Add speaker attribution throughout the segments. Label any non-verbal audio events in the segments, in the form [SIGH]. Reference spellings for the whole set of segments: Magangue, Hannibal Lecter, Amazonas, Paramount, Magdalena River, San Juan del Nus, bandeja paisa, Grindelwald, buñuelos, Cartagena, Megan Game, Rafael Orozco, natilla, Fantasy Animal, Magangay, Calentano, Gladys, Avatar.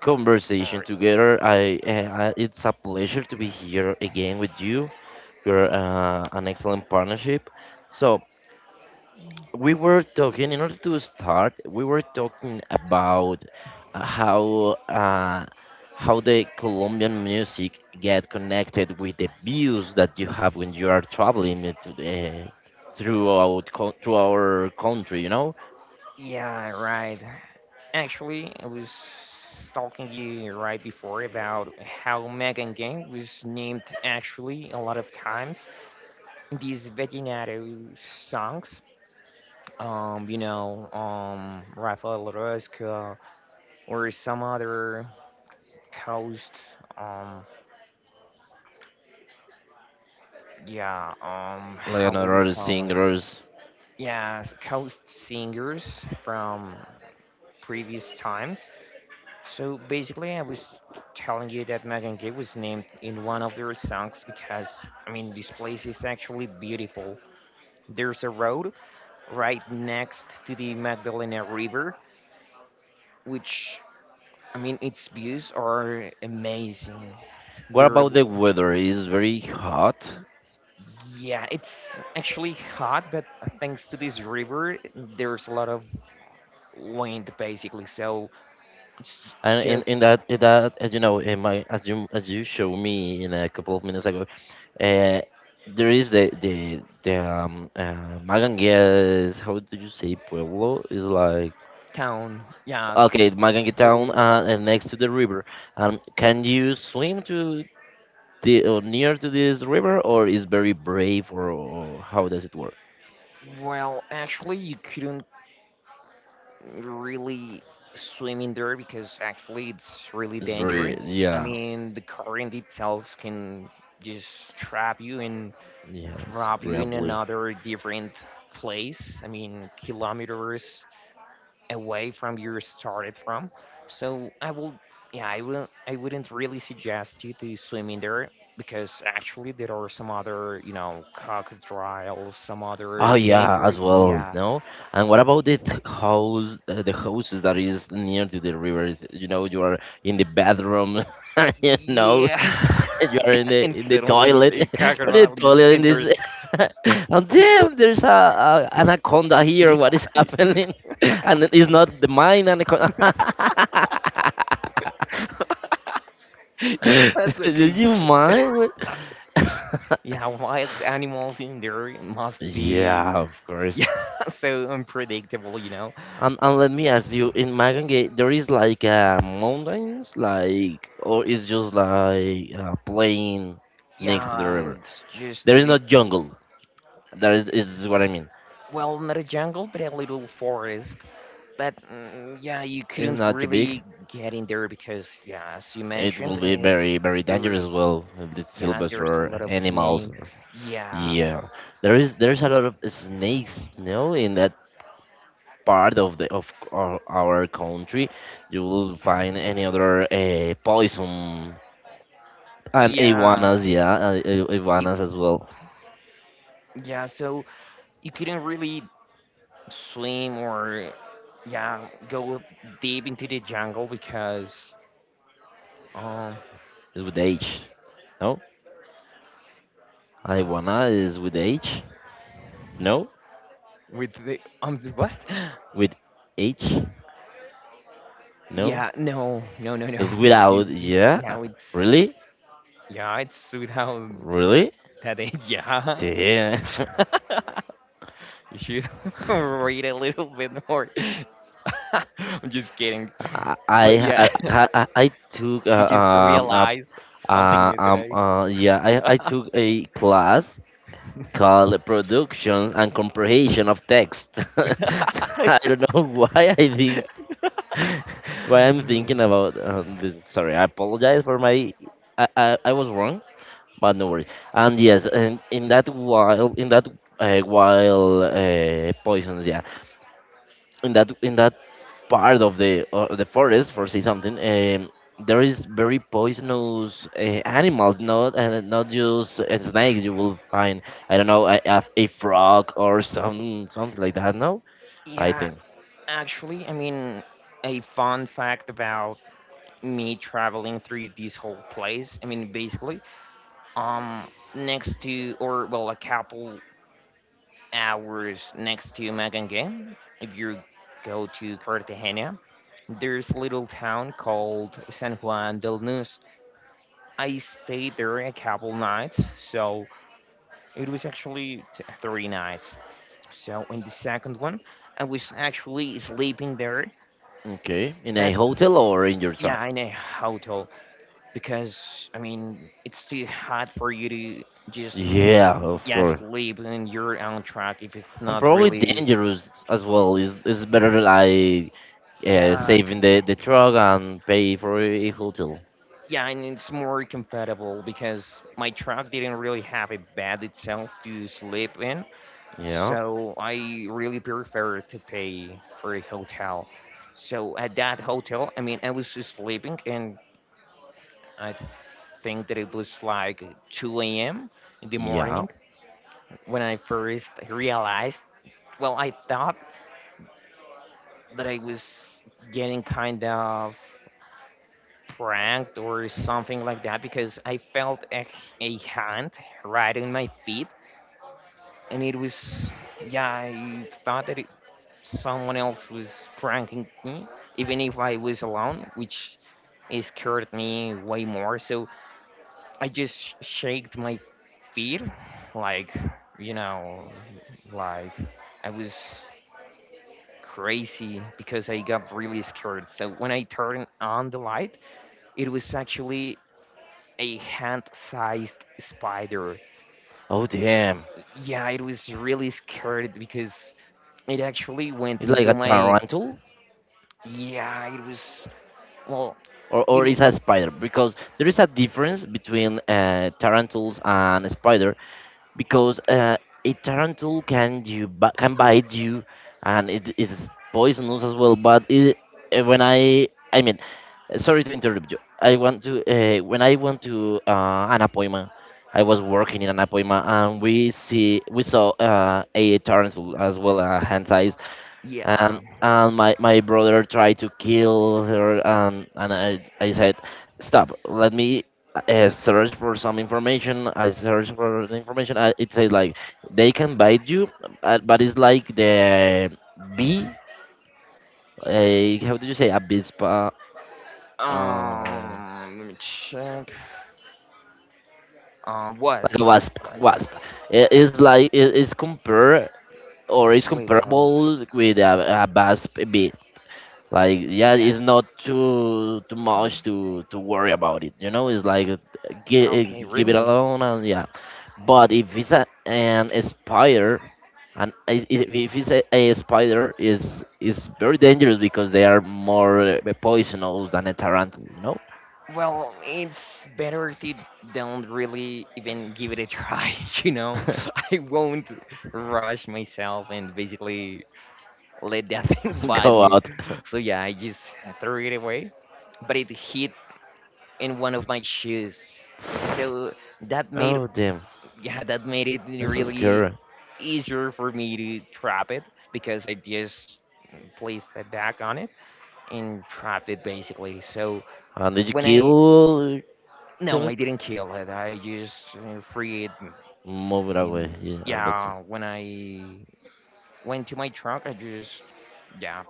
Speaker 1: Conversation
Speaker 2: Or
Speaker 1: together. It's a pleasure to be here again with you. You're an excellent partnership. So we were talking. In order to start, we were talking about uh, how uh, how the Colombian music get connected with the views that you have when you are traveling it to the, through our country, you know,
Speaker 2: Yeah, right. Actually, I was talking to you right before about how Megan Game was named actually a lot of times in these Veginato songs. Rafael Orozco or some other coast, yeah,
Speaker 1: like
Speaker 2: how would you
Speaker 1: another
Speaker 2: call it?
Speaker 1: singers.
Speaker 2: Yeah, coast singers from previous times. So basically, I was telling you that Megan Gay was named in one of their songs because, I mean, this place is actually beautiful. There's a road right next to the Magdalena River, which, I mean, its views are amazing.
Speaker 1: What
Speaker 2: They're
Speaker 1: about the weather? It's very hot.
Speaker 2: Yeah, it's actually hot, but thanks to this river, there's a lot of land basically. So it's
Speaker 1: And in,
Speaker 2: just
Speaker 1: in that in that as you know, in my as you showed me in a couple of minutes ago, Uh, there is the Magangues. How do you say pueblo? Is like
Speaker 2: town. Yeah,
Speaker 1: okay, Magangue
Speaker 2: it's
Speaker 1: town,
Speaker 2: little.
Speaker 1: and next to the river. Can you swim to the or near to this river, or is very brave, or how does it work?
Speaker 2: Well, actually, you couldn't really swim in there because actually it's really
Speaker 1: It's very.
Speaker 2: dangerous. I
Speaker 1: Yeah,
Speaker 2: mean, the current itself can just trap you and
Speaker 1: yes,
Speaker 2: drop you in
Speaker 1: bravely.
Speaker 2: another different place. I mean, kilometers away from you started from. So I will, yeah, I will. I wouldn't really suggest you to swim in there because actually there are some other, crocodiles, some other
Speaker 1: Oh yeah,
Speaker 2: danger.
Speaker 1: as well.
Speaker 2: Yeah,
Speaker 1: No, and what about the the houses that is near to the rivers? You know, you are in the bathroom. [LAUGHS] You know,
Speaker 2: yeah.
Speaker 1: [LAUGHS] you
Speaker 2: [LAUGHS]
Speaker 1: are in the
Speaker 2: And
Speaker 1: in the
Speaker 2: suddenly
Speaker 1: toilet,
Speaker 2: a
Speaker 1: [LAUGHS] or the
Speaker 2: crocodile just
Speaker 1: toilet in this.
Speaker 2: enters.
Speaker 1: [LAUGHS] And damn, there's a anaconda here. What is
Speaker 2: [LAUGHS]
Speaker 1: happening? [LAUGHS] And it is not the mine anaconda.
Speaker 2: Yeah, that's
Speaker 1: [LAUGHS]
Speaker 2: the
Speaker 1: Did
Speaker 2: thing.
Speaker 1: you mind? [LAUGHS]
Speaker 2: Yeah, wild animals in there must be
Speaker 1: Yeah, of
Speaker 2: [LAUGHS]
Speaker 1: course.
Speaker 2: yeah so unpredictable.
Speaker 1: And let me ask you, in Magangay, there is like mountains, like, or it's just like a plain next to the
Speaker 2: Yeah,
Speaker 1: river.
Speaker 2: it's just
Speaker 1: There
Speaker 2: that.
Speaker 1: is no jungle. That is what I mean.
Speaker 2: Well, not a jungle, but a little forest. But mm, yeah, you
Speaker 1: It's
Speaker 2: couldn't
Speaker 1: not too big.
Speaker 2: really get in there because, yeah, as you
Speaker 1: It
Speaker 2: mentioned,
Speaker 1: will be very, very
Speaker 2: there was,
Speaker 1: dangerous as well, with the
Speaker 2: yeah,
Speaker 1: silvers
Speaker 2: there's a
Speaker 1: or
Speaker 2: lot of
Speaker 1: animals.
Speaker 2: snakes.
Speaker 1: Or,
Speaker 2: Yeah,
Speaker 1: yeah, there's a lot of snakes. No, in that part of our country, you will find any other poison. And iguanas,
Speaker 2: yeah,
Speaker 1: yeah,
Speaker 2: it,
Speaker 1: iguanas as well,
Speaker 2: yeah. So you couldn't really swim or yeah, go deep into the jungle because um
Speaker 1: is with H. No, iguana is with H. No,
Speaker 2: with the [LAUGHS] what?
Speaker 1: with H. No,
Speaker 2: Yeah, no, no, no, no.
Speaker 1: it's
Speaker 2: [LAUGHS]
Speaker 1: without.
Speaker 2: It's,
Speaker 1: Yeah,
Speaker 2: yeah, it's
Speaker 1: really,
Speaker 2: yeah, it's without
Speaker 1: really.
Speaker 2: that. [LAUGHS] Yeah,
Speaker 1: Damn.
Speaker 2: [LAUGHS]
Speaker 1: [LAUGHS]
Speaker 2: you should [LAUGHS] read a little bit more. [LAUGHS] I'm just kidding. But yeah, [LAUGHS]
Speaker 1: I took
Speaker 2: you just realized something new today.
Speaker 1: yeah I took a class called Productions and Comprehension of Text. [LAUGHS] I don't
Speaker 2: [LAUGHS]
Speaker 1: know [LAUGHS] why I think [LAUGHS] what I'm thinking about this. Sorry, I apologize for my. I was wrong, but no worries. And yes, and in that, while poisons, yeah, in that, in that part of the forest, for say something, there is very poisonous animals, not just snakes. You will find, I don't know, a frog or something like that. No, I
Speaker 2: Yeah,
Speaker 1: think.
Speaker 2: actually, I mean, a fun fact about me traveling through this whole place. I mean, basically, um, next to or well, a couple hours next to Magangay, if you go to Cartagena, there's a little town called San Juan del Nus. I stayed there a couple nights, so it was actually 3 nights. So in the second one, I was actually sleeping there,
Speaker 1: Okay, in a
Speaker 2: but
Speaker 1: hotel or in your.
Speaker 2: yeah, in a hotel because I mean it's too hot for you to just
Speaker 1: Yeah, of
Speaker 2: yeah
Speaker 1: course.
Speaker 2: sleep in your own truck if it's
Speaker 1: And
Speaker 2: not
Speaker 1: probably
Speaker 2: really
Speaker 1: dangerous as well. It's better, like
Speaker 2: yeah.
Speaker 1: saving the truck and pay for a hotel.
Speaker 2: Yeah, and it's more comfortable because my truck didn't really have a bed itself to sleep in,
Speaker 1: Yeah,
Speaker 2: so I really prefer to pay for a hotel. So at that hotel, I mean, I was just sleeping, and I think that it was like 2 a.m. in the
Speaker 1: yeah.
Speaker 2: morning when I first realized. Well, I thought that I was getting kind of pranked or something like that because I felt a hand right in my feet, and it was, yeah, I thought that it, someone else was pranking me, even if I was alone, which it scared me way more. So I just shaked my feet, like, you know, like I was crazy because I got really scared. So when I turned on the light, it was actually a hand-sized spider.
Speaker 1: Oh damn!
Speaker 2: Yeah, it was really scared because it actually went
Speaker 1: It's like a
Speaker 2: into my.
Speaker 1: tarantula,
Speaker 2: Yeah, it was. Well,
Speaker 1: or
Speaker 2: it.
Speaker 1: or is a spider? Because there is a difference between tarantulas and spiders. Because a tarantula can can bite you, and it is poisonous as well. When I mean, sorry to interrupt you. I want to when I went to an appointment, I was working in an appointment, and we saw a tarantula as well, hand size, and
Speaker 2: Yeah.
Speaker 1: my brother tried to kill her, and I said, stop, let me search for some information. I searched for the information. I, it says, like, they can bite you, but it's like the bee. How did you say abispa? Like
Speaker 2: Let me check. Wasp.
Speaker 1: a wasp
Speaker 2: Wasp.
Speaker 1: wasp It
Speaker 2: Yeah,
Speaker 1: is like, it is compare, or is
Speaker 2: wait, wasp.
Speaker 1: comparable with a wasp bee. Like, yeah,
Speaker 2: Yeah.
Speaker 1: it's not too much to worry about it, you know. It's like give,
Speaker 2: Okay,
Speaker 1: give it
Speaker 2: really?
Speaker 1: alone, and yeah. But if it's a, an spider, and if it's a spider, is very dangerous because they are more poisonous than a tarantula, you know.
Speaker 2: Well, it's better to don't really even give it a try, [LAUGHS] you know? [LAUGHS] I won't rush myself and basically let that [LAUGHS] thing
Speaker 1: [LAUGHS]
Speaker 2: bite
Speaker 1: Go
Speaker 2: me.
Speaker 1: out. [LAUGHS]
Speaker 2: So yeah, I just threw it away. But it hit in one of my shoes. So that made
Speaker 1: Oh damn,
Speaker 2: yeah, that made it
Speaker 1: that's so
Speaker 2: really
Speaker 1: scary.
Speaker 2: easier for me to trap it because I just placed it back on it and trapped it basically. So
Speaker 1: And did you
Speaker 2: when I
Speaker 1: kill
Speaker 2: no,
Speaker 1: it,
Speaker 2: I didn't kill it. I just free it, and,
Speaker 1: move it
Speaker 2: and
Speaker 1: away, yeah? And that's.
Speaker 2: yeah, when I went to my truck, I just yeah,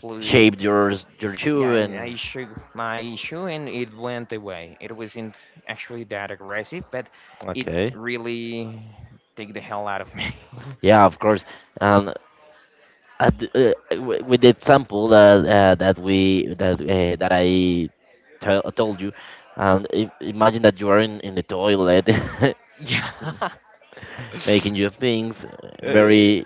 Speaker 2: flew.
Speaker 1: Shaped your
Speaker 2: Yeah,
Speaker 1: shoe,
Speaker 2: and
Speaker 1: and
Speaker 2: I shook my shoe and it went away. It wasn't actually that aggressive, but it
Speaker 1: okay.
Speaker 2: really take the hell out of me.
Speaker 1: Yeah, of course. Um, with the example that that we that that I tell told you, if, imagine that you are in the toilet,
Speaker 2: [LAUGHS] Yeah.
Speaker 1: [LAUGHS]
Speaker 2: [LAUGHS]
Speaker 1: making your things,
Speaker 2: Uh,
Speaker 1: very,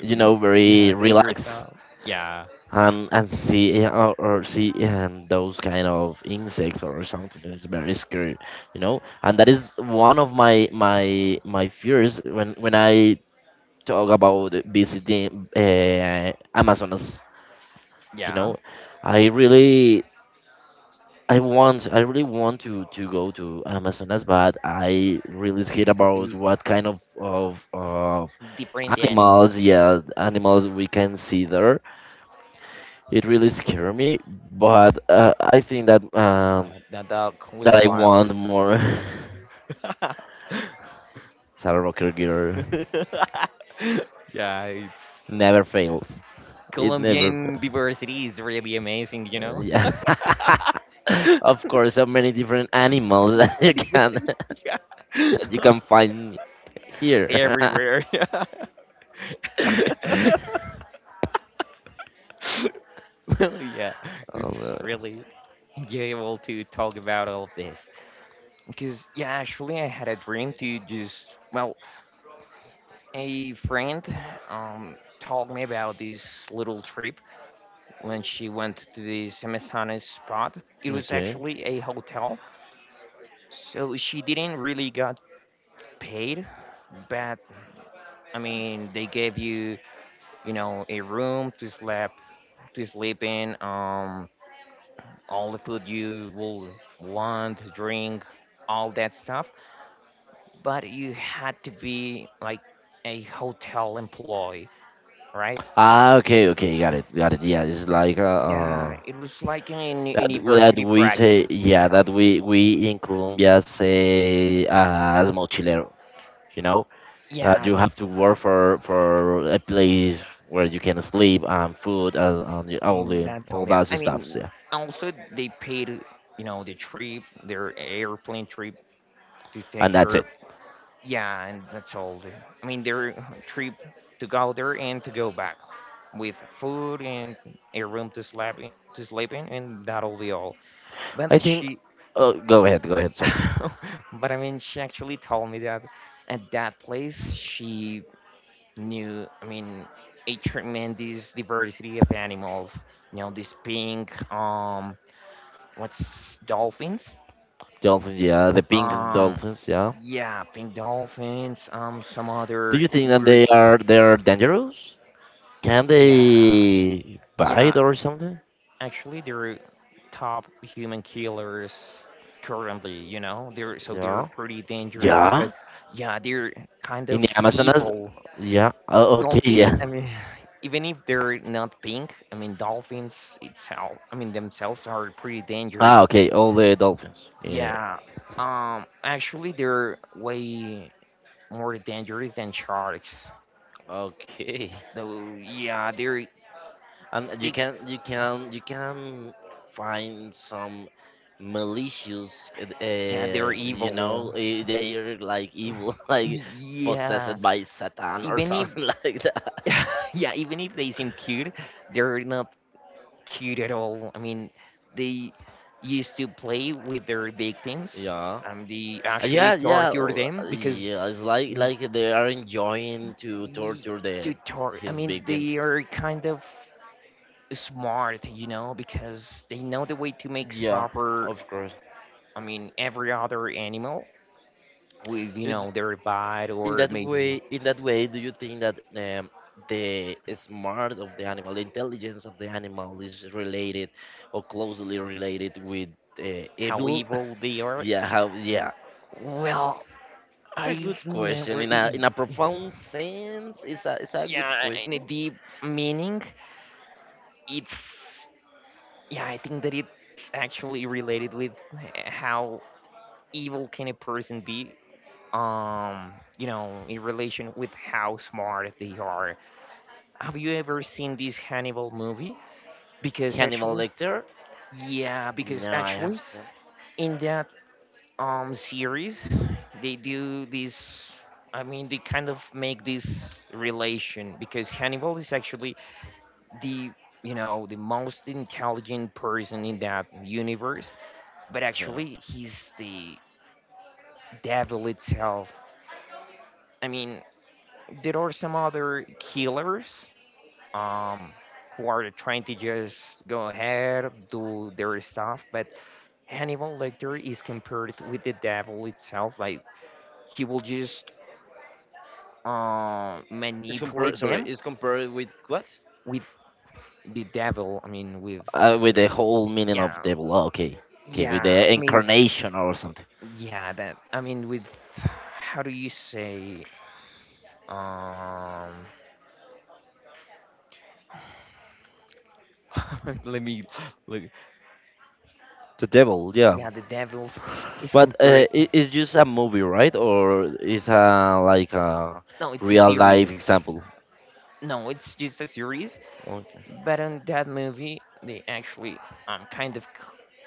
Speaker 2: yeah,
Speaker 1: very
Speaker 2: dangerous
Speaker 1: relaxed,
Speaker 2: stuff. Yeah,
Speaker 1: and see, or see, those kind of insects or something that is very scary, you know. And that is one of my fears when, I talk about visiting Amazonas, you
Speaker 2: yeah.
Speaker 1: know. I really i want i really want to go to Amazonas, but I really scared
Speaker 2: Because of
Speaker 1: about what kind
Speaker 2: its
Speaker 1: of
Speaker 2: different
Speaker 1: animals,
Speaker 2: animal.
Speaker 1: yeah, animals we can see there. It really scared me. But I think that,
Speaker 2: Yeah, the dog was
Speaker 1: I
Speaker 2: wild.
Speaker 1: want more.
Speaker 2: [LAUGHS]
Speaker 1: [LAUGHS] Sarah Rocker Girl
Speaker 2: Yeah, it's
Speaker 1: never fails. It never
Speaker 2: Colombian
Speaker 1: fails.
Speaker 2: diversity is really amazing, you know?
Speaker 1: Yeah, [LAUGHS] of course, so many different animals [LAUGHS] that you
Speaker 2: [LAUGHS]
Speaker 1: can [LAUGHS]
Speaker 2: Yeah. [LAUGHS]
Speaker 1: that you
Speaker 2: Yeah.
Speaker 1: can find here.
Speaker 2: Everywhere. [LAUGHS]
Speaker 1: [LAUGHS]
Speaker 2: Well, yeah, it's
Speaker 1: Um, uh,
Speaker 2: really enjoyable to talk about all of this. Because, yeah, actually, I had a dream to just, well, a friend told me about this little trip when she went to this Amazonas spot. It was
Speaker 1: okay.
Speaker 2: actually a hotel, so she didn't really got paid. But I mean, they gave you, a room to sleep in. All the food you will want, drink, all that stuff. But you had to be like a hotel employee, right?
Speaker 1: Ah, okay, okay, got it, got it. Yeah, it's like,
Speaker 2: Yeah, it was like in
Speaker 1: that
Speaker 2: university
Speaker 1: we say,
Speaker 2: practice
Speaker 1: yeah,
Speaker 2: itself.
Speaker 1: that we in Colombia say, as mochilero, you know, that
Speaker 2: Yeah,
Speaker 1: you
Speaker 2: that's
Speaker 1: have to work for a place where you can sleep and food, and all
Speaker 2: and
Speaker 1: the
Speaker 2: that's
Speaker 1: all
Speaker 2: all. Yeah,
Speaker 1: that
Speaker 2: I
Speaker 1: stuff.
Speaker 2: mean,
Speaker 1: Yeah,
Speaker 2: also they paid, the trip, their airplane trip to take
Speaker 1: and that's
Speaker 2: her.
Speaker 1: it,
Speaker 2: Yeah, and that's all. I mean, their trip to go there and to go back with food and a room to sleep in, and that'll be all.
Speaker 1: I
Speaker 2: But
Speaker 1: think. Oh, go ahead, go ahead. Sorry,
Speaker 2: [LAUGHS] but I mean, she actually told me that at that place she knew, I mean, a tremendous diversity of animals. You know, this pink, what's dolphins?
Speaker 1: dolphins. Yeah, the pink
Speaker 2: Um,
Speaker 1: dolphins. Yeah.
Speaker 2: yeah, pink dolphins. Some
Speaker 1: Do
Speaker 2: other
Speaker 1: you think that
Speaker 2: weird
Speaker 1: they are dangerous? Can
Speaker 2: yeah.
Speaker 1: they
Speaker 2: Yeah,
Speaker 1: bite or something?
Speaker 2: actually, they're top human killers currently. You know, they're, so they're
Speaker 1: Yeah.
Speaker 2: pretty dangerous because,
Speaker 1: Yeah.
Speaker 2: yeah, they're kind
Speaker 1: In
Speaker 2: of
Speaker 1: the Amazonas.
Speaker 2: evil
Speaker 1: Yeah. Oh, okay. [LAUGHS]
Speaker 2: dolphins.
Speaker 1: Yeah.
Speaker 2: I mean, [SIGHS] even if they're not pink, I mean, dolphins itself, I mean, themselves are pretty dangerous
Speaker 1: Ah.
Speaker 2: because,
Speaker 1: Okay. All the dolphins. Yeah.
Speaker 2: yeah, actually, they're way more dangerous than sharks.
Speaker 1: Okay.
Speaker 2: Though, yeah,
Speaker 1: And you
Speaker 2: they,
Speaker 1: can you can you can find some malicious.
Speaker 2: yeah, they're
Speaker 1: You
Speaker 2: evil.
Speaker 1: know, they are like evil, [LAUGHS] like
Speaker 2: [LAUGHS] Yeah,
Speaker 1: possessed by Satan or
Speaker 2: even if
Speaker 1: something [LAUGHS] like that.
Speaker 2: [LAUGHS] yeah, even if they seem cute, they're not cute at all. I mean, they used to play with their victims
Speaker 1: Yeah.
Speaker 2: and they actually torture them because,
Speaker 1: Yeah. It's like,
Speaker 2: you know,
Speaker 1: they are enjoying to
Speaker 2: y-
Speaker 1: torture the,
Speaker 2: I
Speaker 1: his
Speaker 2: mean,
Speaker 1: victim.
Speaker 2: they are kind of smart, you know, because they know the way to make
Speaker 1: Yeah,
Speaker 2: suffer.
Speaker 1: of course.
Speaker 2: I mean, every other animal with,
Speaker 1: So d-
Speaker 2: their bite
Speaker 1: in
Speaker 2: or
Speaker 1: that
Speaker 2: maybe
Speaker 1: way, do you think that, the smart of the animal, the intelligence of the animal, is related or closely related with
Speaker 2: how
Speaker 1: evil?
Speaker 2: evil they
Speaker 1: [LAUGHS]
Speaker 2: are.
Speaker 1: Yeah, how? Yeah,
Speaker 2: Well,
Speaker 1: it's a
Speaker 2: I've
Speaker 1: good question.
Speaker 2: never.
Speaker 1: In a profound sense, it's a good
Speaker 2: Yeah, in a
Speaker 1: question.
Speaker 2: deep meaning, it's yeah, I think that it's actually related with how evil can a person be, you know, in relation with how smart they are. Have you ever seen this Hannibal movie? Because
Speaker 1: Hannibal
Speaker 2: actually,
Speaker 1: Lecter?
Speaker 2: yeah, because
Speaker 1: No, I have
Speaker 2: actually
Speaker 1: seen.
Speaker 2: in that series they do this. I mean, they kind of make this relation because Hannibal is actually the you know the most intelligent person in that universe, but actually he's the devil itself. I mean, there are some other killers, um who are trying to just go ahead do their stuff. But Hannibal Lecter is compared with the devil itself, like he will just
Speaker 1: It's compared.
Speaker 2: manipulate
Speaker 1: Sorry,
Speaker 2: them
Speaker 1: it's compared with what?
Speaker 2: with the devil. I mean, with
Speaker 1: With the whole meaning
Speaker 2: yeah,
Speaker 1: of devil. Oh, okay. Okay, with
Speaker 2: yeah,
Speaker 1: the
Speaker 2: I mean,
Speaker 1: incarnation or something.
Speaker 2: yeah, that I mean with how do you say, um [LAUGHS] let me look,
Speaker 1: The devil, yeah.
Speaker 2: yeah, the devils is
Speaker 1: But
Speaker 2: compared.
Speaker 1: it's just a movie, right? Or is a, like a
Speaker 2: No, it's a
Speaker 1: real life
Speaker 2: series.
Speaker 1: example?
Speaker 2: No, it's just a series.
Speaker 1: Okay.
Speaker 2: But in that movie they actually kind of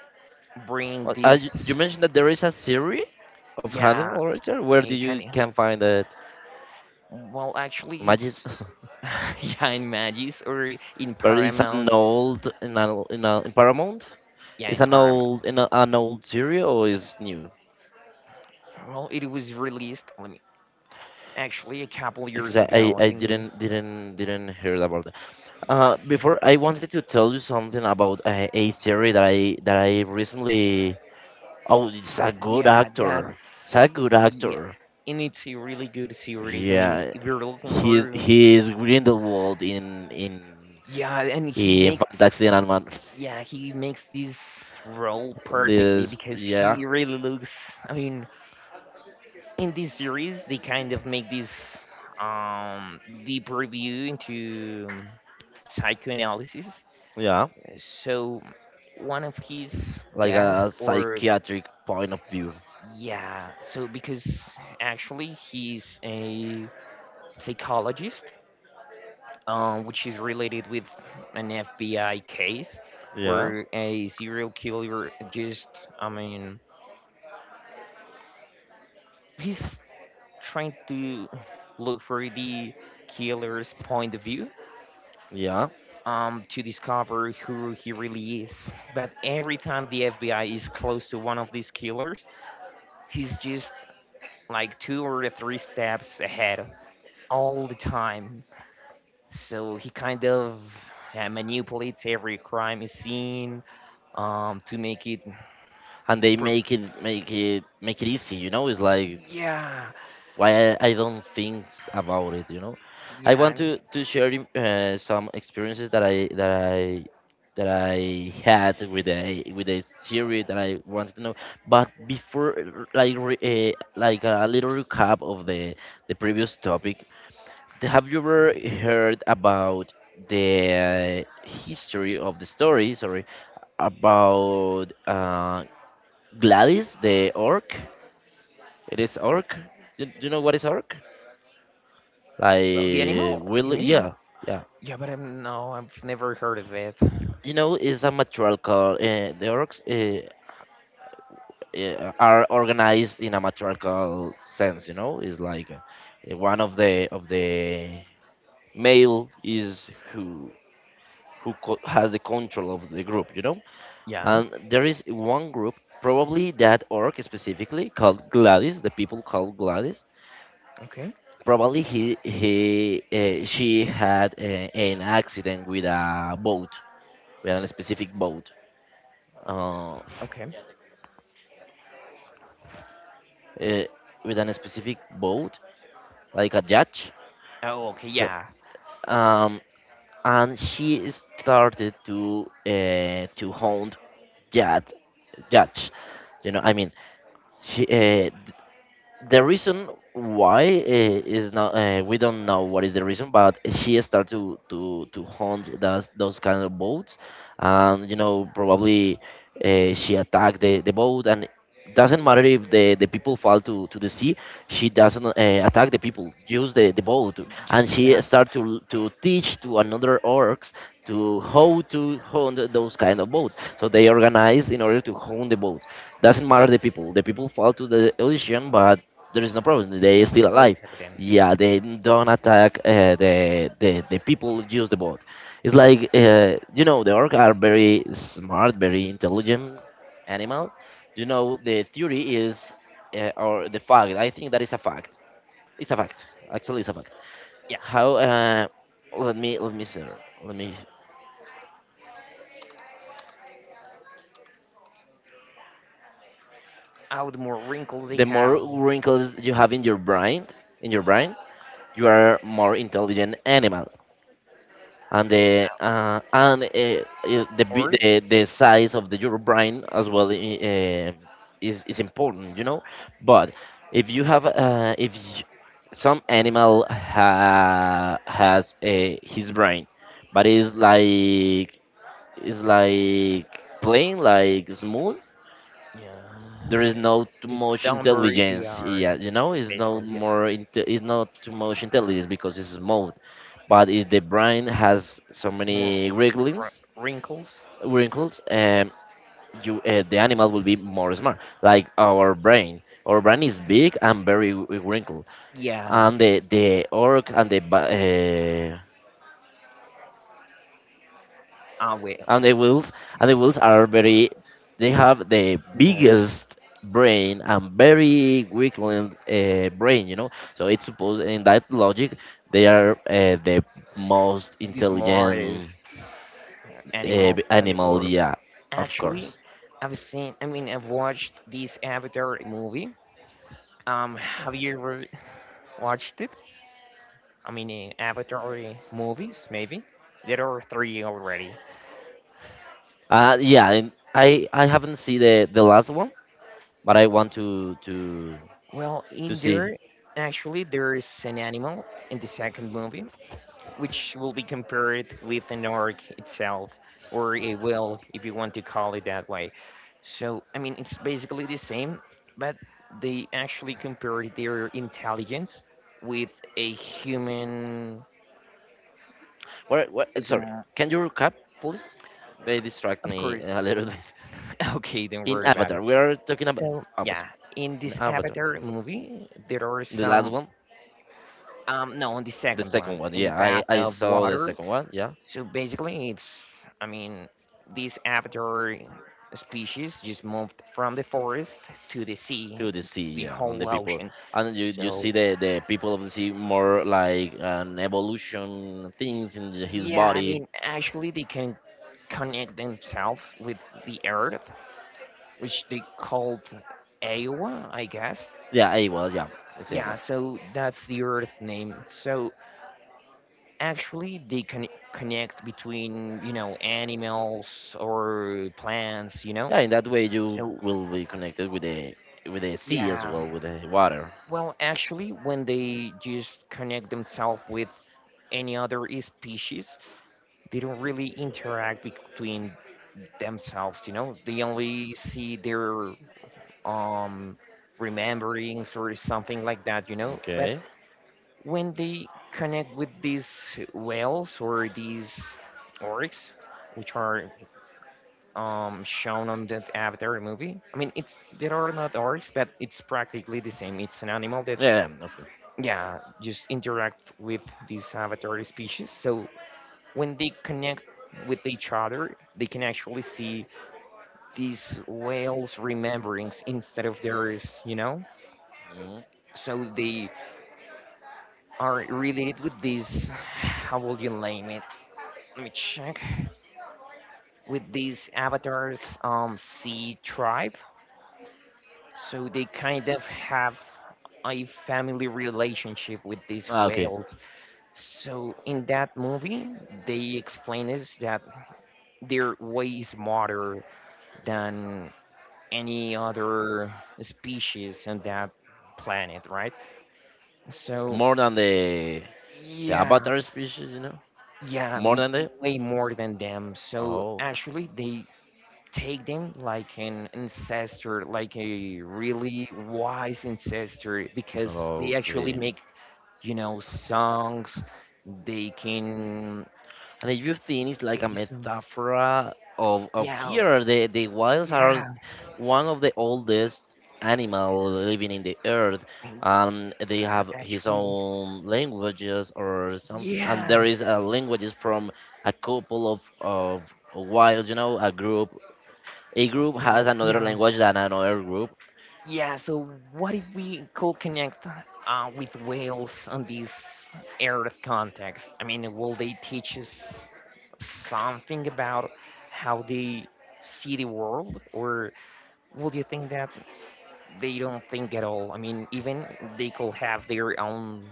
Speaker 2: bring
Speaker 1: Well, you
Speaker 2: this.
Speaker 1: mentioned that there is a series of
Speaker 2: Yeah,
Speaker 1: Hannibal Lecter. Where do
Speaker 2: a kind
Speaker 1: you
Speaker 2: of,
Speaker 1: can find that?
Speaker 2: well actually
Speaker 1: Magis,
Speaker 2: it's [LAUGHS] yeah in Magis or in
Speaker 1: [LAUGHS] but it's an
Speaker 2: Paramount,
Speaker 1: old, in a, in a, in Paramount.
Speaker 2: yeah
Speaker 1: It's
Speaker 2: in
Speaker 1: an
Speaker 2: Paramount.
Speaker 1: old, an old series, or is new?
Speaker 2: Well, it was released, let me, actually a couple years
Speaker 1: Exactly.
Speaker 2: ago I
Speaker 1: I
Speaker 2: think.
Speaker 1: didn't hear about that. Before, I wanted to tell you something about a theory that I recently. Oh, it's a good
Speaker 2: Yeah,
Speaker 1: actor.
Speaker 2: that's
Speaker 1: It's a good
Speaker 2: yeah,
Speaker 1: actor.
Speaker 2: and it's a really good series. I mean,
Speaker 1: Yeah,
Speaker 2: if you're looking
Speaker 1: he is-
Speaker 2: for
Speaker 1: he is Grindelwald in in
Speaker 2: yeah, and he
Speaker 1: in
Speaker 2: makes
Speaker 1: Fantasy Animal.
Speaker 2: yeah, he makes this role perfectly
Speaker 1: This,
Speaker 2: because
Speaker 1: yeah.
Speaker 2: he really looks. I mean, in this series, they kind of make this um deep review into psychoanalysis.
Speaker 1: Yeah,
Speaker 2: So one of his
Speaker 1: like
Speaker 2: guests,
Speaker 1: a
Speaker 2: or
Speaker 1: psychiatric point of view.
Speaker 2: yeah, so because actually he's a psychologist, which is related with an FBI case
Speaker 1: Yeah,
Speaker 2: where a serial killer just, I mean, he's trying to look for the killer's point of view,
Speaker 1: yeah,
Speaker 2: to discover who he really is. But every time the FBI is close to one of these killers, he's just like two or three steps ahead all the time. So he kind of manipulates every crime scene, to make it.
Speaker 1: and they
Speaker 2: Pro-
Speaker 1: make it easy. You know, it's like,
Speaker 2: yeah,
Speaker 1: why, I don't think about it, you know. I
Speaker 2: yeah.
Speaker 1: want to share, some experiences that I had with a series that I wanted to know. But before, like a little recap of the previous topic, have you ever heard about the, history of the story? Sorry, about, Gladys the orc. It is orc. Do you know what is orc?
Speaker 2: Well, the
Speaker 1: Like,
Speaker 2: animal, you
Speaker 1: will,
Speaker 2: mean?
Speaker 1: yeah, yeah,
Speaker 2: Yeah, but I'm no, I've never heard of it.
Speaker 1: you know, it's a matriarchal, the orcs, are organized in a matriarchal sense, you know. It's like, one of the male is who, has the control of the group, you know.
Speaker 2: Yeah.
Speaker 1: And there is one group, probably that orc specifically called Gladys, the people called Gladys,
Speaker 2: Okay.
Speaker 1: probably he she had, an accident with a boat, with a specific boat, uh,
Speaker 2: Okay.
Speaker 1: eh, with a specific boat, like a yacht.
Speaker 2: Oh, okay.
Speaker 1: So,
Speaker 2: Yeah.
Speaker 1: um, and she started to hunt yacht, yachts. You know, I mean, she uh, the reason why, is not. We don't know what is the reason, but she started to hunt those kind of boats. And, you know, probably she attacked the boat, and doesn't matter if the people fall to the sea. She doesn't attack the people, use the boat,
Speaker 2: Just
Speaker 1: and
Speaker 2: the
Speaker 1: she
Speaker 2: jack.
Speaker 1: start to teach to another orcs to how to hunt those kind of boats, so they organize in order to hunt the boat, doesn't matter the people. The people fall to the ocean, but there is no problem. They
Speaker 2: No
Speaker 1: are
Speaker 2: one
Speaker 1: still
Speaker 2: ever
Speaker 1: alive.
Speaker 2: heard of them.
Speaker 1: Yeah, they don't attack the people use the boat. It's like you know the orc are very smart, very intelligent animal. You know the theory is or the fact. I think that is a fact. It's a fact. Actually, it's a fact.
Speaker 2: Yeah.
Speaker 1: How? Let me see. Let me.
Speaker 2: How the more wrinkles they
Speaker 1: The more
Speaker 2: have,
Speaker 1: wrinkles you have in your brain, you are more intelligent animal. And
Speaker 2: orcs.
Speaker 1: the size of the your brain as well is important, you know. But if you have if y some animal has a, his brain, but it's like, it's like plain like smooth, there
Speaker 2: Yeah.
Speaker 1: is no too
Speaker 2: The
Speaker 1: much
Speaker 2: dumber they
Speaker 1: intelligence,
Speaker 2: are,
Speaker 1: yeah, you know, it's no
Speaker 2: basically. Yeah.
Speaker 1: more it's not too much intelligence because it's smooth. But if the brain has so
Speaker 2: More
Speaker 1: many wrinkles,
Speaker 2: wrinkles.
Speaker 1: wrinkles, you the animal will be more smart like our brain. Our brain is big and very wrinkled.
Speaker 2: Yeah.
Speaker 1: And the orc and the ba- uh,
Speaker 2: I will.
Speaker 1: and the whales, and the whales are very, they have the
Speaker 2: More,
Speaker 1: biggest brain and very weak limbed brain, you know. So it's supposed in that logic they are the most
Speaker 2: these
Speaker 1: intelligent
Speaker 2: smartest animals in the
Speaker 1: animal,
Speaker 2: world.
Speaker 1: yeah. Of
Speaker 2: Actually,
Speaker 1: course.
Speaker 2: I've seen. I mean, I've watched this Avatar movie. Have you ever watched it? I mean, Avatar movies, maybe. There are three already.
Speaker 1: Yeah, and I haven't seen the last one, but I want
Speaker 2: Well,
Speaker 1: to
Speaker 2: in
Speaker 1: see.
Speaker 2: there, actually, there is an animal in the second movie, which will be compared with an orc itself, or a will, if you want to call it that way. So, I mean, it's basically the same, but they actually compare their intelligence with a human.
Speaker 1: Where,
Speaker 2: Is
Speaker 1: sorry,
Speaker 2: more-
Speaker 1: can you recap please? They distract
Speaker 2: of
Speaker 1: me
Speaker 2: course.
Speaker 1: a little [LAUGHS] bit.
Speaker 2: [LAUGHS] Okay, don't
Speaker 1: In
Speaker 2: worry about it.
Speaker 1: Avatar we are talking about.
Speaker 2: So, yeah,
Speaker 1: Avatar.
Speaker 2: in
Speaker 1: In
Speaker 2: this
Speaker 1: Avatar.
Speaker 2: Avatar movie, there are
Speaker 1: The last
Speaker 2: some.
Speaker 1: one,
Speaker 2: No, in the
Speaker 1: the
Speaker 2: second
Speaker 1: second
Speaker 2: one,
Speaker 1: one.
Speaker 2: in the
Speaker 1: Yeah,
Speaker 2: Bath
Speaker 1: I
Speaker 2: of
Speaker 1: saw the
Speaker 2: Water,
Speaker 1: second one. Yeah,
Speaker 2: so basically, it's, I mean, this avatar species just moved from the forest to the sea,
Speaker 1: to the sea.
Speaker 2: to the
Speaker 1: Yeah, on the
Speaker 2: whole
Speaker 1: people,
Speaker 2: ocean.
Speaker 1: and you
Speaker 2: So,
Speaker 1: see the people of the sea more like an evolution things in his
Speaker 2: yeah, I
Speaker 1: body.
Speaker 2: mean, actually, they can connect themselves with the earth, which they called Awa, I guess.
Speaker 1: Yeah, it was. Yeah, the same one.
Speaker 2: Yeah, so that's the earth name. So actually, they can connect between, animals or plants.
Speaker 1: Yeah, in that way you
Speaker 2: So,
Speaker 1: will be connected with the, with the sea as
Speaker 2: yeah,
Speaker 1: well, with the water.
Speaker 2: well, actually, when they just connect themselves with any other species, they don't really interact between themselves. They only see their um, rememberings or something like that. But
Speaker 1: Okay.
Speaker 2: when they connect with these whales or these orcs, which are shown on that Avatar movie. I mean, it's there are not orcs, but it's practically the same. It's an animal that
Speaker 1: Yeah, yeah, of course.
Speaker 2: yeah just interact with these avatar species. So when they connect with each other they can actually see these whales rememberings instead of theirs.
Speaker 1: Mhm.
Speaker 2: So they are related with these, how will you name it, let me check, with these avatars sea tribe. So they kind of have a family relationship with these
Speaker 1: Ah, okay.
Speaker 2: whales. So in that movie, they explain us that they're way smarter than any other species on that planet, right? So,
Speaker 1: More than the
Speaker 2: yeah,
Speaker 1: Avatar species, you know.
Speaker 2: yeah,
Speaker 1: More
Speaker 2: m-
Speaker 1: than the.
Speaker 2: way more than them. So,
Speaker 1: Oh.
Speaker 2: actually, they take them like an ancestor, like a really wise ancestor, because they actually
Speaker 1: Okay.
Speaker 2: make, you know, songs. They can
Speaker 1: And if you think it's like
Speaker 2: give
Speaker 1: a
Speaker 2: you some,
Speaker 1: metaphor of
Speaker 2: yeah,
Speaker 1: here, the whales are
Speaker 2: yeah,
Speaker 1: one of the oldest animal living in the earth.
Speaker 2: and
Speaker 1: And they
Speaker 2: they're
Speaker 1: have his
Speaker 2: actually,
Speaker 1: own languages or something. And there
Speaker 2: yeah.
Speaker 1: is a languages from a couple of whales, you know, a group. A group has
Speaker 2: Well,
Speaker 1: another
Speaker 2: yeah,
Speaker 1: language than another group.
Speaker 2: yeah. So what if we could connect with whales on this Earth context? I mean, will they teach us something about how they see the world, or would you think that they don't think at all? I mean, even they could have their own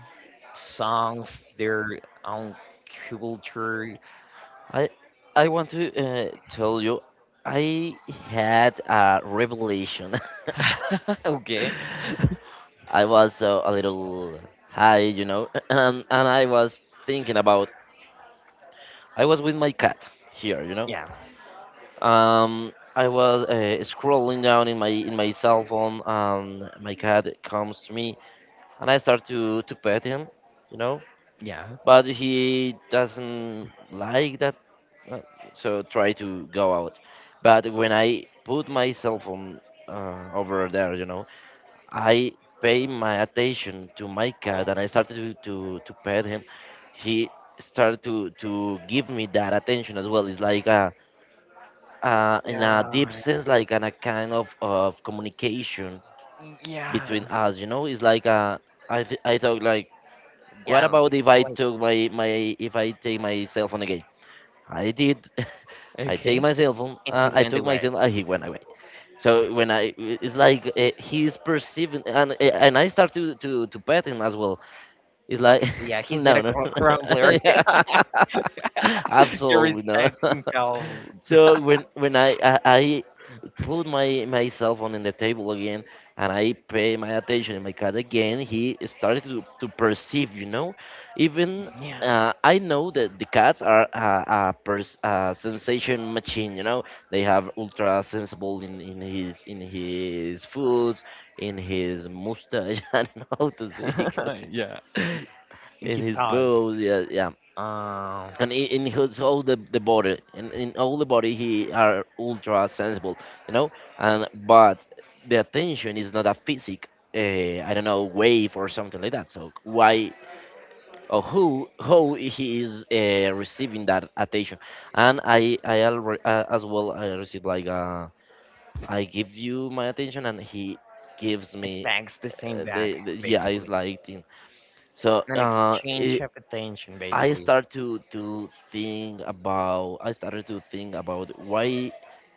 Speaker 2: songs, their own culture.
Speaker 1: I, I want to tell you, I had a revelation.
Speaker 2: [LAUGHS] Okay.
Speaker 1: [LAUGHS] I was a little high, you know, [CLEARS THROAT] and I was thinking about. I was with my cat here, you know.
Speaker 2: Yeah.
Speaker 1: I was scrolling down in my cell phone, and my cat comes to me, and I start to pet him, you know.
Speaker 2: Yeah.
Speaker 1: But he doesn't like that, uh, so try to go out. But when I put my cell phone over there, you know, I paid my attention to my cat
Speaker 2: Um,
Speaker 1: and I started to pet him, he started to give me that attention as well. It's like a, in a deep
Speaker 2: yeah.
Speaker 1: sense, like an, a kind of communication
Speaker 2: Yeah.
Speaker 1: between us, you know? It's like a, I, I thought like, what
Speaker 2: Yeah.
Speaker 1: about if I
Speaker 2: It's
Speaker 1: took my, my if I take my cell phone again? I did. [LAUGHS] I take
Speaker 2: okay,
Speaker 1: my cell phone.
Speaker 2: and he
Speaker 1: I
Speaker 2: went
Speaker 1: took my cell
Speaker 2: away.
Speaker 1: phone. And he went away. So when I, it's like he's perceiving, and I start to pet him as well. It's like,
Speaker 2: Okay,
Speaker 1: [LAUGHS]
Speaker 2: so yeah, he's not
Speaker 1: no,
Speaker 2: a
Speaker 1: no, [LAUGHS]
Speaker 2: crumbler.
Speaker 1: yeah. [LAUGHS]
Speaker 2: [LAUGHS] He
Speaker 1: Absolutely no.
Speaker 2: respects
Speaker 1: [LAUGHS]
Speaker 2: himself.
Speaker 1: So when I put my, my cell phone in the table again, and I pay my attention in my cat again, he started to perceive, you know. Even
Speaker 2: Yeah,
Speaker 1: I know that the cats are a, a sensation machine, you know. They have ultra sensible in his foods, in his mustache, [LAUGHS] I don't know how to say it,
Speaker 2: [LAUGHS] yeah,
Speaker 1: [LAUGHS]
Speaker 2: and
Speaker 1: in
Speaker 2: his
Speaker 1: his
Speaker 2: pals
Speaker 1: pose, yeah, yeah,
Speaker 2: uh,
Speaker 1: and in his all the body in all the body he are ultra sensible, you know. And but the attention is not a physic, I don't know, wave or something like that. So why or who, how he is receiving that attention. And I alre as well I received like I give you my attention and he gives me
Speaker 2: expects the same back,
Speaker 1: the yeah it's
Speaker 2: basically.
Speaker 1: like thing. So
Speaker 2: An exchange of attention, basically.
Speaker 1: I started to think about why,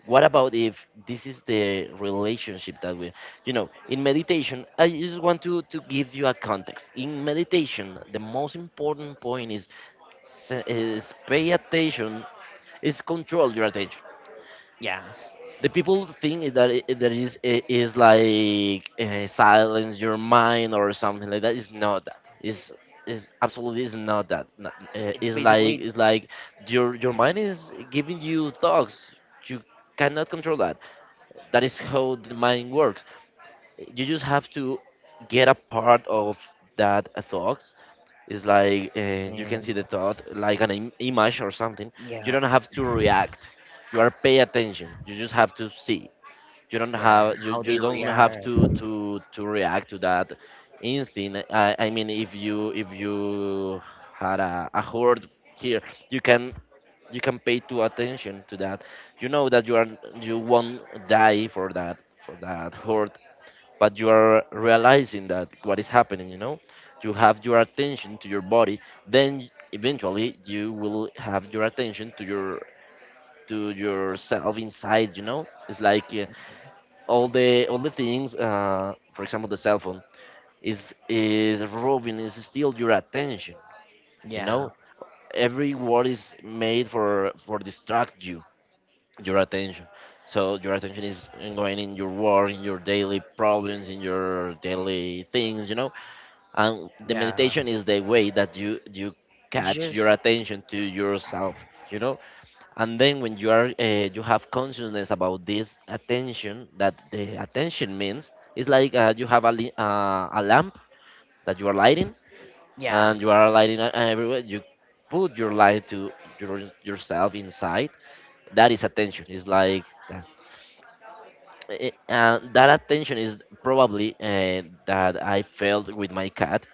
Speaker 1: what about if this is the relationship that we, you know, in meditation, I just want to give you a context. In meditation the most important point is, is pay attention, is control your attention.
Speaker 2: Yeah,
Speaker 1: The people think that it, that is it is like silence your mind or something like that. It's not that. It's, is absolutely is not that.
Speaker 2: it's
Speaker 1: It's like,
Speaker 2: basically
Speaker 1: it's like your mind is giving you thoughts. You cannot control that. That is how the mind works. You just have to get a part of that thoughts. It's like you can
Speaker 2: and
Speaker 1: see the thought like an image or something. You
Speaker 2: yeah,
Speaker 1: don't have to react. You are pay attention. You just have to see you don't
Speaker 2: yeah,
Speaker 1: have you,
Speaker 2: how
Speaker 1: you
Speaker 2: they
Speaker 1: don't have
Speaker 2: react.
Speaker 1: to react to that instinct. I mean if you had a horde here, you can you can pay too attention to that, you know that you are, you won't die for that, for that horde, but you are realizing that what is happening, you know. You have your attention to your body, then eventually you will have your attention to your, to yourself inside, you know. It's like all the things, for example the cell phone, is robbing, is steal your attention, you
Speaker 2: Yeah,
Speaker 1: know. Every word is made for distract you your attention. So your attention is going in your work, in your daily problems, in your daily things, you know. And the
Speaker 2: yeah,
Speaker 1: meditation is the way that you
Speaker 2: it's
Speaker 1: catch your
Speaker 2: just
Speaker 1: attention to yourself, you know. And then when you are you have consciousness about this attention, that the attention means, it's like you have a, a lamp that you are lighting,
Speaker 2: yeah,
Speaker 1: and you are lighting everywhere. You put your light to your, yourself inside. That is attention, it's like that. And that attention is probably that I felt with my cat.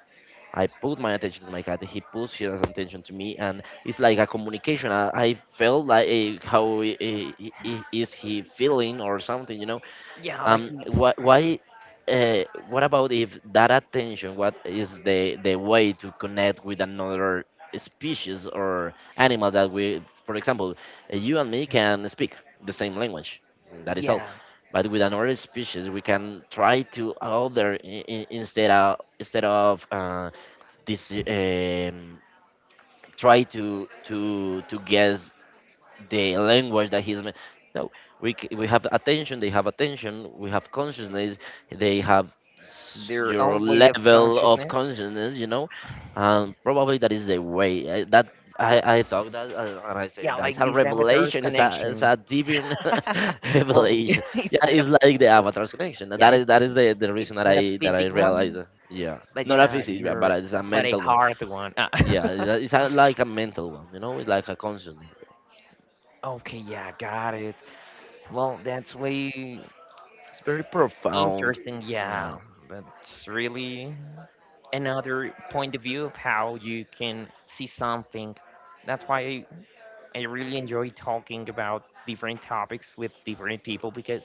Speaker 1: I put my attention to my cat, he puts his attention to me, and it's like a communication. I felt like eh, how is he feeling or something, you know?
Speaker 2: yeah, like if,
Speaker 1: Why uh, what about if that attention, what is the way to connect with another species or animal, that we, for example, eh, you and me can speak the same language, that is all.
Speaker 2: yeah,
Speaker 1: But with another species, we can try to other instead of this try to guess the language that no, we we have attention, they have attention, we have consciousness, they have
Speaker 2: their
Speaker 1: your
Speaker 2: own way of
Speaker 1: level of
Speaker 2: consciousness.
Speaker 1: consciousness, you know. And probably that is the way I, that I thought that and I say
Speaker 2: Yeah,
Speaker 1: that is
Speaker 2: like
Speaker 1: a
Speaker 2: this avatar's
Speaker 1: revelation, it's
Speaker 2: connection.
Speaker 1: a divine
Speaker 2: [LAUGHS]
Speaker 1: [LAUGHS]
Speaker 2: Well, [LAUGHS]
Speaker 1: revelation.
Speaker 2: it's
Speaker 1: Yeah,
Speaker 2: not a
Speaker 1: it's like the Avatar's connection.
Speaker 2: yeah,
Speaker 1: That is that is the
Speaker 2: it's
Speaker 1: reason
Speaker 2: not a
Speaker 1: that I
Speaker 2: basic
Speaker 1: realized
Speaker 2: one,
Speaker 1: yeah,
Speaker 2: but
Speaker 1: not a
Speaker 2: yeah,
Speaker 1: physics but
Speaker 2: you're
Speaker 1: it's a
Speaker 2: but a
Speaker 1: mental one.
Speaker 2: hard one. Ah.
Speaker 1: Yeah, it- it's a, like a mental one, you know, it's like a conscious.
Speaker 2: [LAUGHS] Okay, yeah, got it. Well, that's way
Speaker 1: It's very profound.
Speaker 2: interesting.
Speaker 1: Yeah.
Speaker 2: Yeah, that's really another point of view of how you can see something. That's why I really enjoy talking about different topics with different people because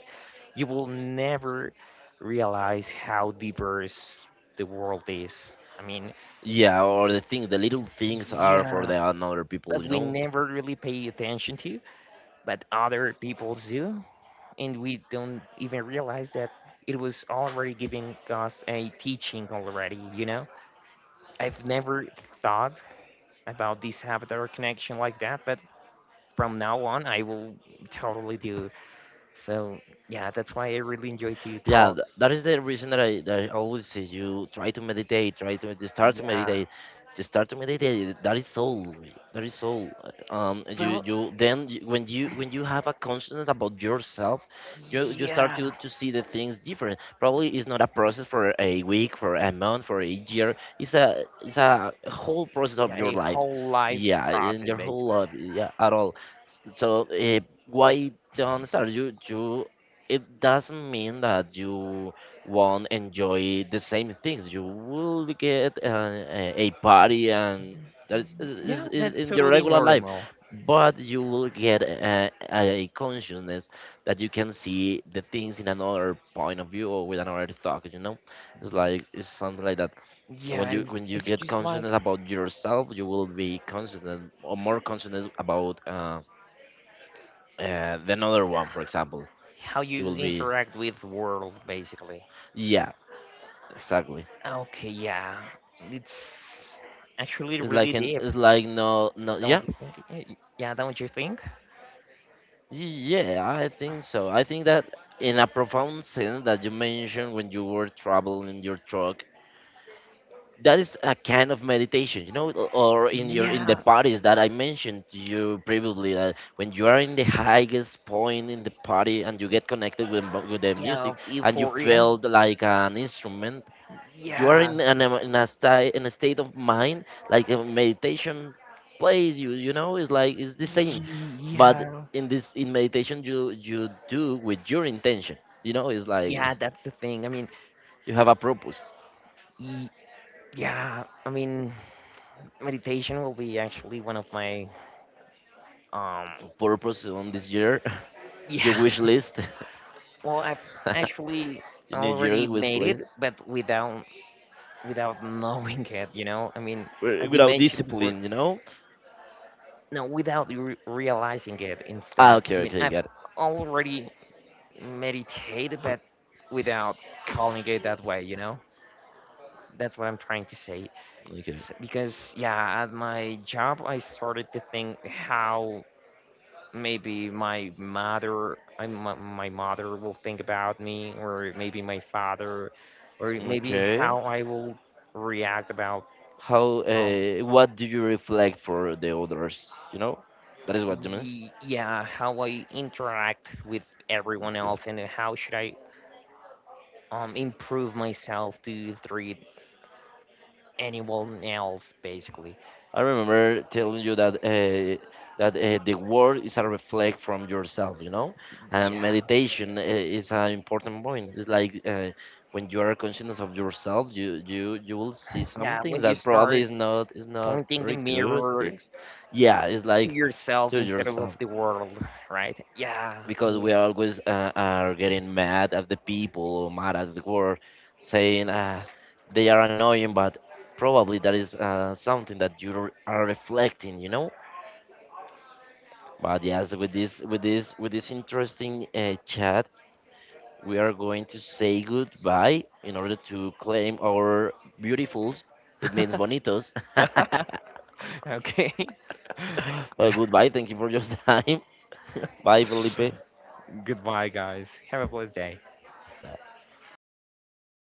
Speaker 2: you will never realize how diverse the world is. I mean,
Speaker 1: Yeah, or the thing, the little things are for
Speaker 2: yeah,
Speaker 1: the another people,
Speaker 2: that
Speaker 1: you
Speaker 2: we
Speaker 1: know,
Speaker 2: never really pay attention to, but other people do, and we don't even realize that it was already giving us a teaching already, you know? I've never thought about this avatar connection like that, but from now on, I will totally do. So yeah, that's why I really enjoy to
Speaker 1: yeah,
Speaker 2: talk.
Speaker 1: that is the reason that I always say you try to meditate, try to start to
Speaker 2: Yeah.
Speaker 1: meditate. Just start to meditate, eh, that is all, eh, that is all. You
Speaker 2: Well,
Speaker 1: you then when you have a consciousness about yourself, you start
Speaker 2: yeah,
Speaker 1: to see the things different. Probably it's not a process for a week, for a month, for a year. It's a it's a whole process of
Speaker 2: yeah,
Speaker 1: your
Speaker 2: a
Speaker 1: life.
Speaker 2: whole life
Speaker 1: Yeah, in
Speaker 2: process
Speaker 1: your whole
Speaker 2: basically.
Speaker 1: life, yeah, at all. So why don't start? You, it doesn't mean that you won't enjoy the same things. You will get a party and that
Speaker 2: Yeah,
Speaker 1: is
Speaker 2: that's
Speaker 1: in your
Speaker 2: totally
Speaker 1: regular life,
Speaker 2: normal.
Speaker 1: but you will get a consciousness that you can see the things in another point of view or with another thought. You know, it's like it's something like that.
Speaker 2: Yeah,
Speaker 1: When you
Speaker 2: it's
Speaker 1: get
Speaker 2: just like
Speaker 1: consciousness about yourself, you will be conscious or more consciousness about. The another one, for example,
Speaker 2: how
Speaker 1: you
Speaker 2: you
Speaker 1: will be,
Speaker 2: interact with world basically.
Speaker 1: yeah, exactly.
Speaker 2: Okay, yeah, it's actually
Speaker 1: It's
Speaker 2: really
Speaker 1: like an
Speaker 2: deep.
Speaker 1: it's like no no
Speaker 2: Don't
Speaker 1: yeah.
Speaker 2: you think? Yeah, don't you think?
Speaker 1: Yeah, I think so. I think that in a profound sense that you mentioned, when you were traveling in your truck, that is a kind of meditation, you know, o- or in your in the
Speaker 2: Yeah,
Speaker 1: parties that I mentioned to you previously. That when you are in the highest point in the party and you
Speaker 2: y-
Speaker 1: get connected with with the
Speaker 2: yeah,
Speaker 1: music
Speaker 2: of
Speaker 1: and you
Speaker 2: euphoria.
Speaker 1: feel like an instrument, you are
Speaker 2: Yeah,
Speaker 1: in an, in a state, in a state of mind like a meditation plays you, you know, it's like it's the same. But
Speaker 2: yeah,
Speaker 1: in this in meditation, you do with your intention, you know, it's like
Speaker 2: yeah. That's the thing. I mean,
Speaker 1: you have a purpose.
Speaker 2: y- yeah, I mean, meditation will be actually one of my um
Speaker 1: Purpose on this year. [LAUGHS] Your
Speaker 2: yeah.
Speaker 1: wish list.
Speaker 2: Well, I've
Speaker 1: [LAUGHS]
Speaker 2: actually
Speaker 1: Your new
Speaker 2: already
Speaker 1: year wish
Speaker 2: made it,
Speaker 1: list.
Speaker 2: but without without knowing [LAUGHS] it, you know? I mean, as you
Speaker 1: Without
Speaker 2: mentioned before,
Speaker 1: discipline, you know.
Speaker 2: no, without you re realizing it
Speaker 1: Ah,
Speaker 2: instead.
Speaker 1: okay,
Speaker 2: I mean,
Speaker 1: okay,
Speaker 2: I've
Speaker 1: got it.
Speaker 2: already meditated, but without calling it that way, you know? That's what I'm trying to say.
Speaker 1: Okay.
Speaker 2: S because yeah, at my job, I started to think how maybe my mother will think about me or maybe my father or maybe
Speaker 1: Okay,
Speaker 2: how I will react about
Speaker 1: how
Speaker 2: um
Speaker 1: what do you reflect for the others, you know, that is what you mean.
Speaker 2: yeah how I interact with everyone
Speaker 1: Okay.
Speaker 2: else and how should I improve myself to treat anyone else basically.
Speaker 1: I remember telling you that that the world is a reflect from yourself, you know, and
Speaker 2: Yeah,
Speaker 1: meditation is an important point. It's like when you are conscious of yourself, you will see some
Speaker 2: yeah,
Speaker 1: things
Speaker 2: when you
Speaker 1: that probably
Speaker 2: start
Speaker 1: is not
Speaker 2: pointing the
Speaker 1: very good
Speaker 2: mirror
Speaker 1: things. Yeah, it's
Speaker 2: to
Speaker 1: like
Speaker 2: yourself
Speaker 1: to
Speaker 2: instead of
Speaker 1: yourself,
Speaker 2: the world, right? Yeah.
Speaker 1: because we always are getting mad at the people or mad at the world, saying they are annoying, but probably that is something that you are reflecting, you know. But yes, with this with this with this interesting chat, we are going to say goodbye in order to claim our beautifuls. It means
Speaker 2: I
Speaker 1: bonitos.
Speaker 2: mean, [LAUGHS] okay.
Speaker 1: [LAUGHS] Well,
Speaker 2: [LAUGHS]
Speaker 1: goodbye. Thank you for your [LAUGHS] time. Bye, Felipe.
Speaker 2: Goodbye, guys. Have a blessed day.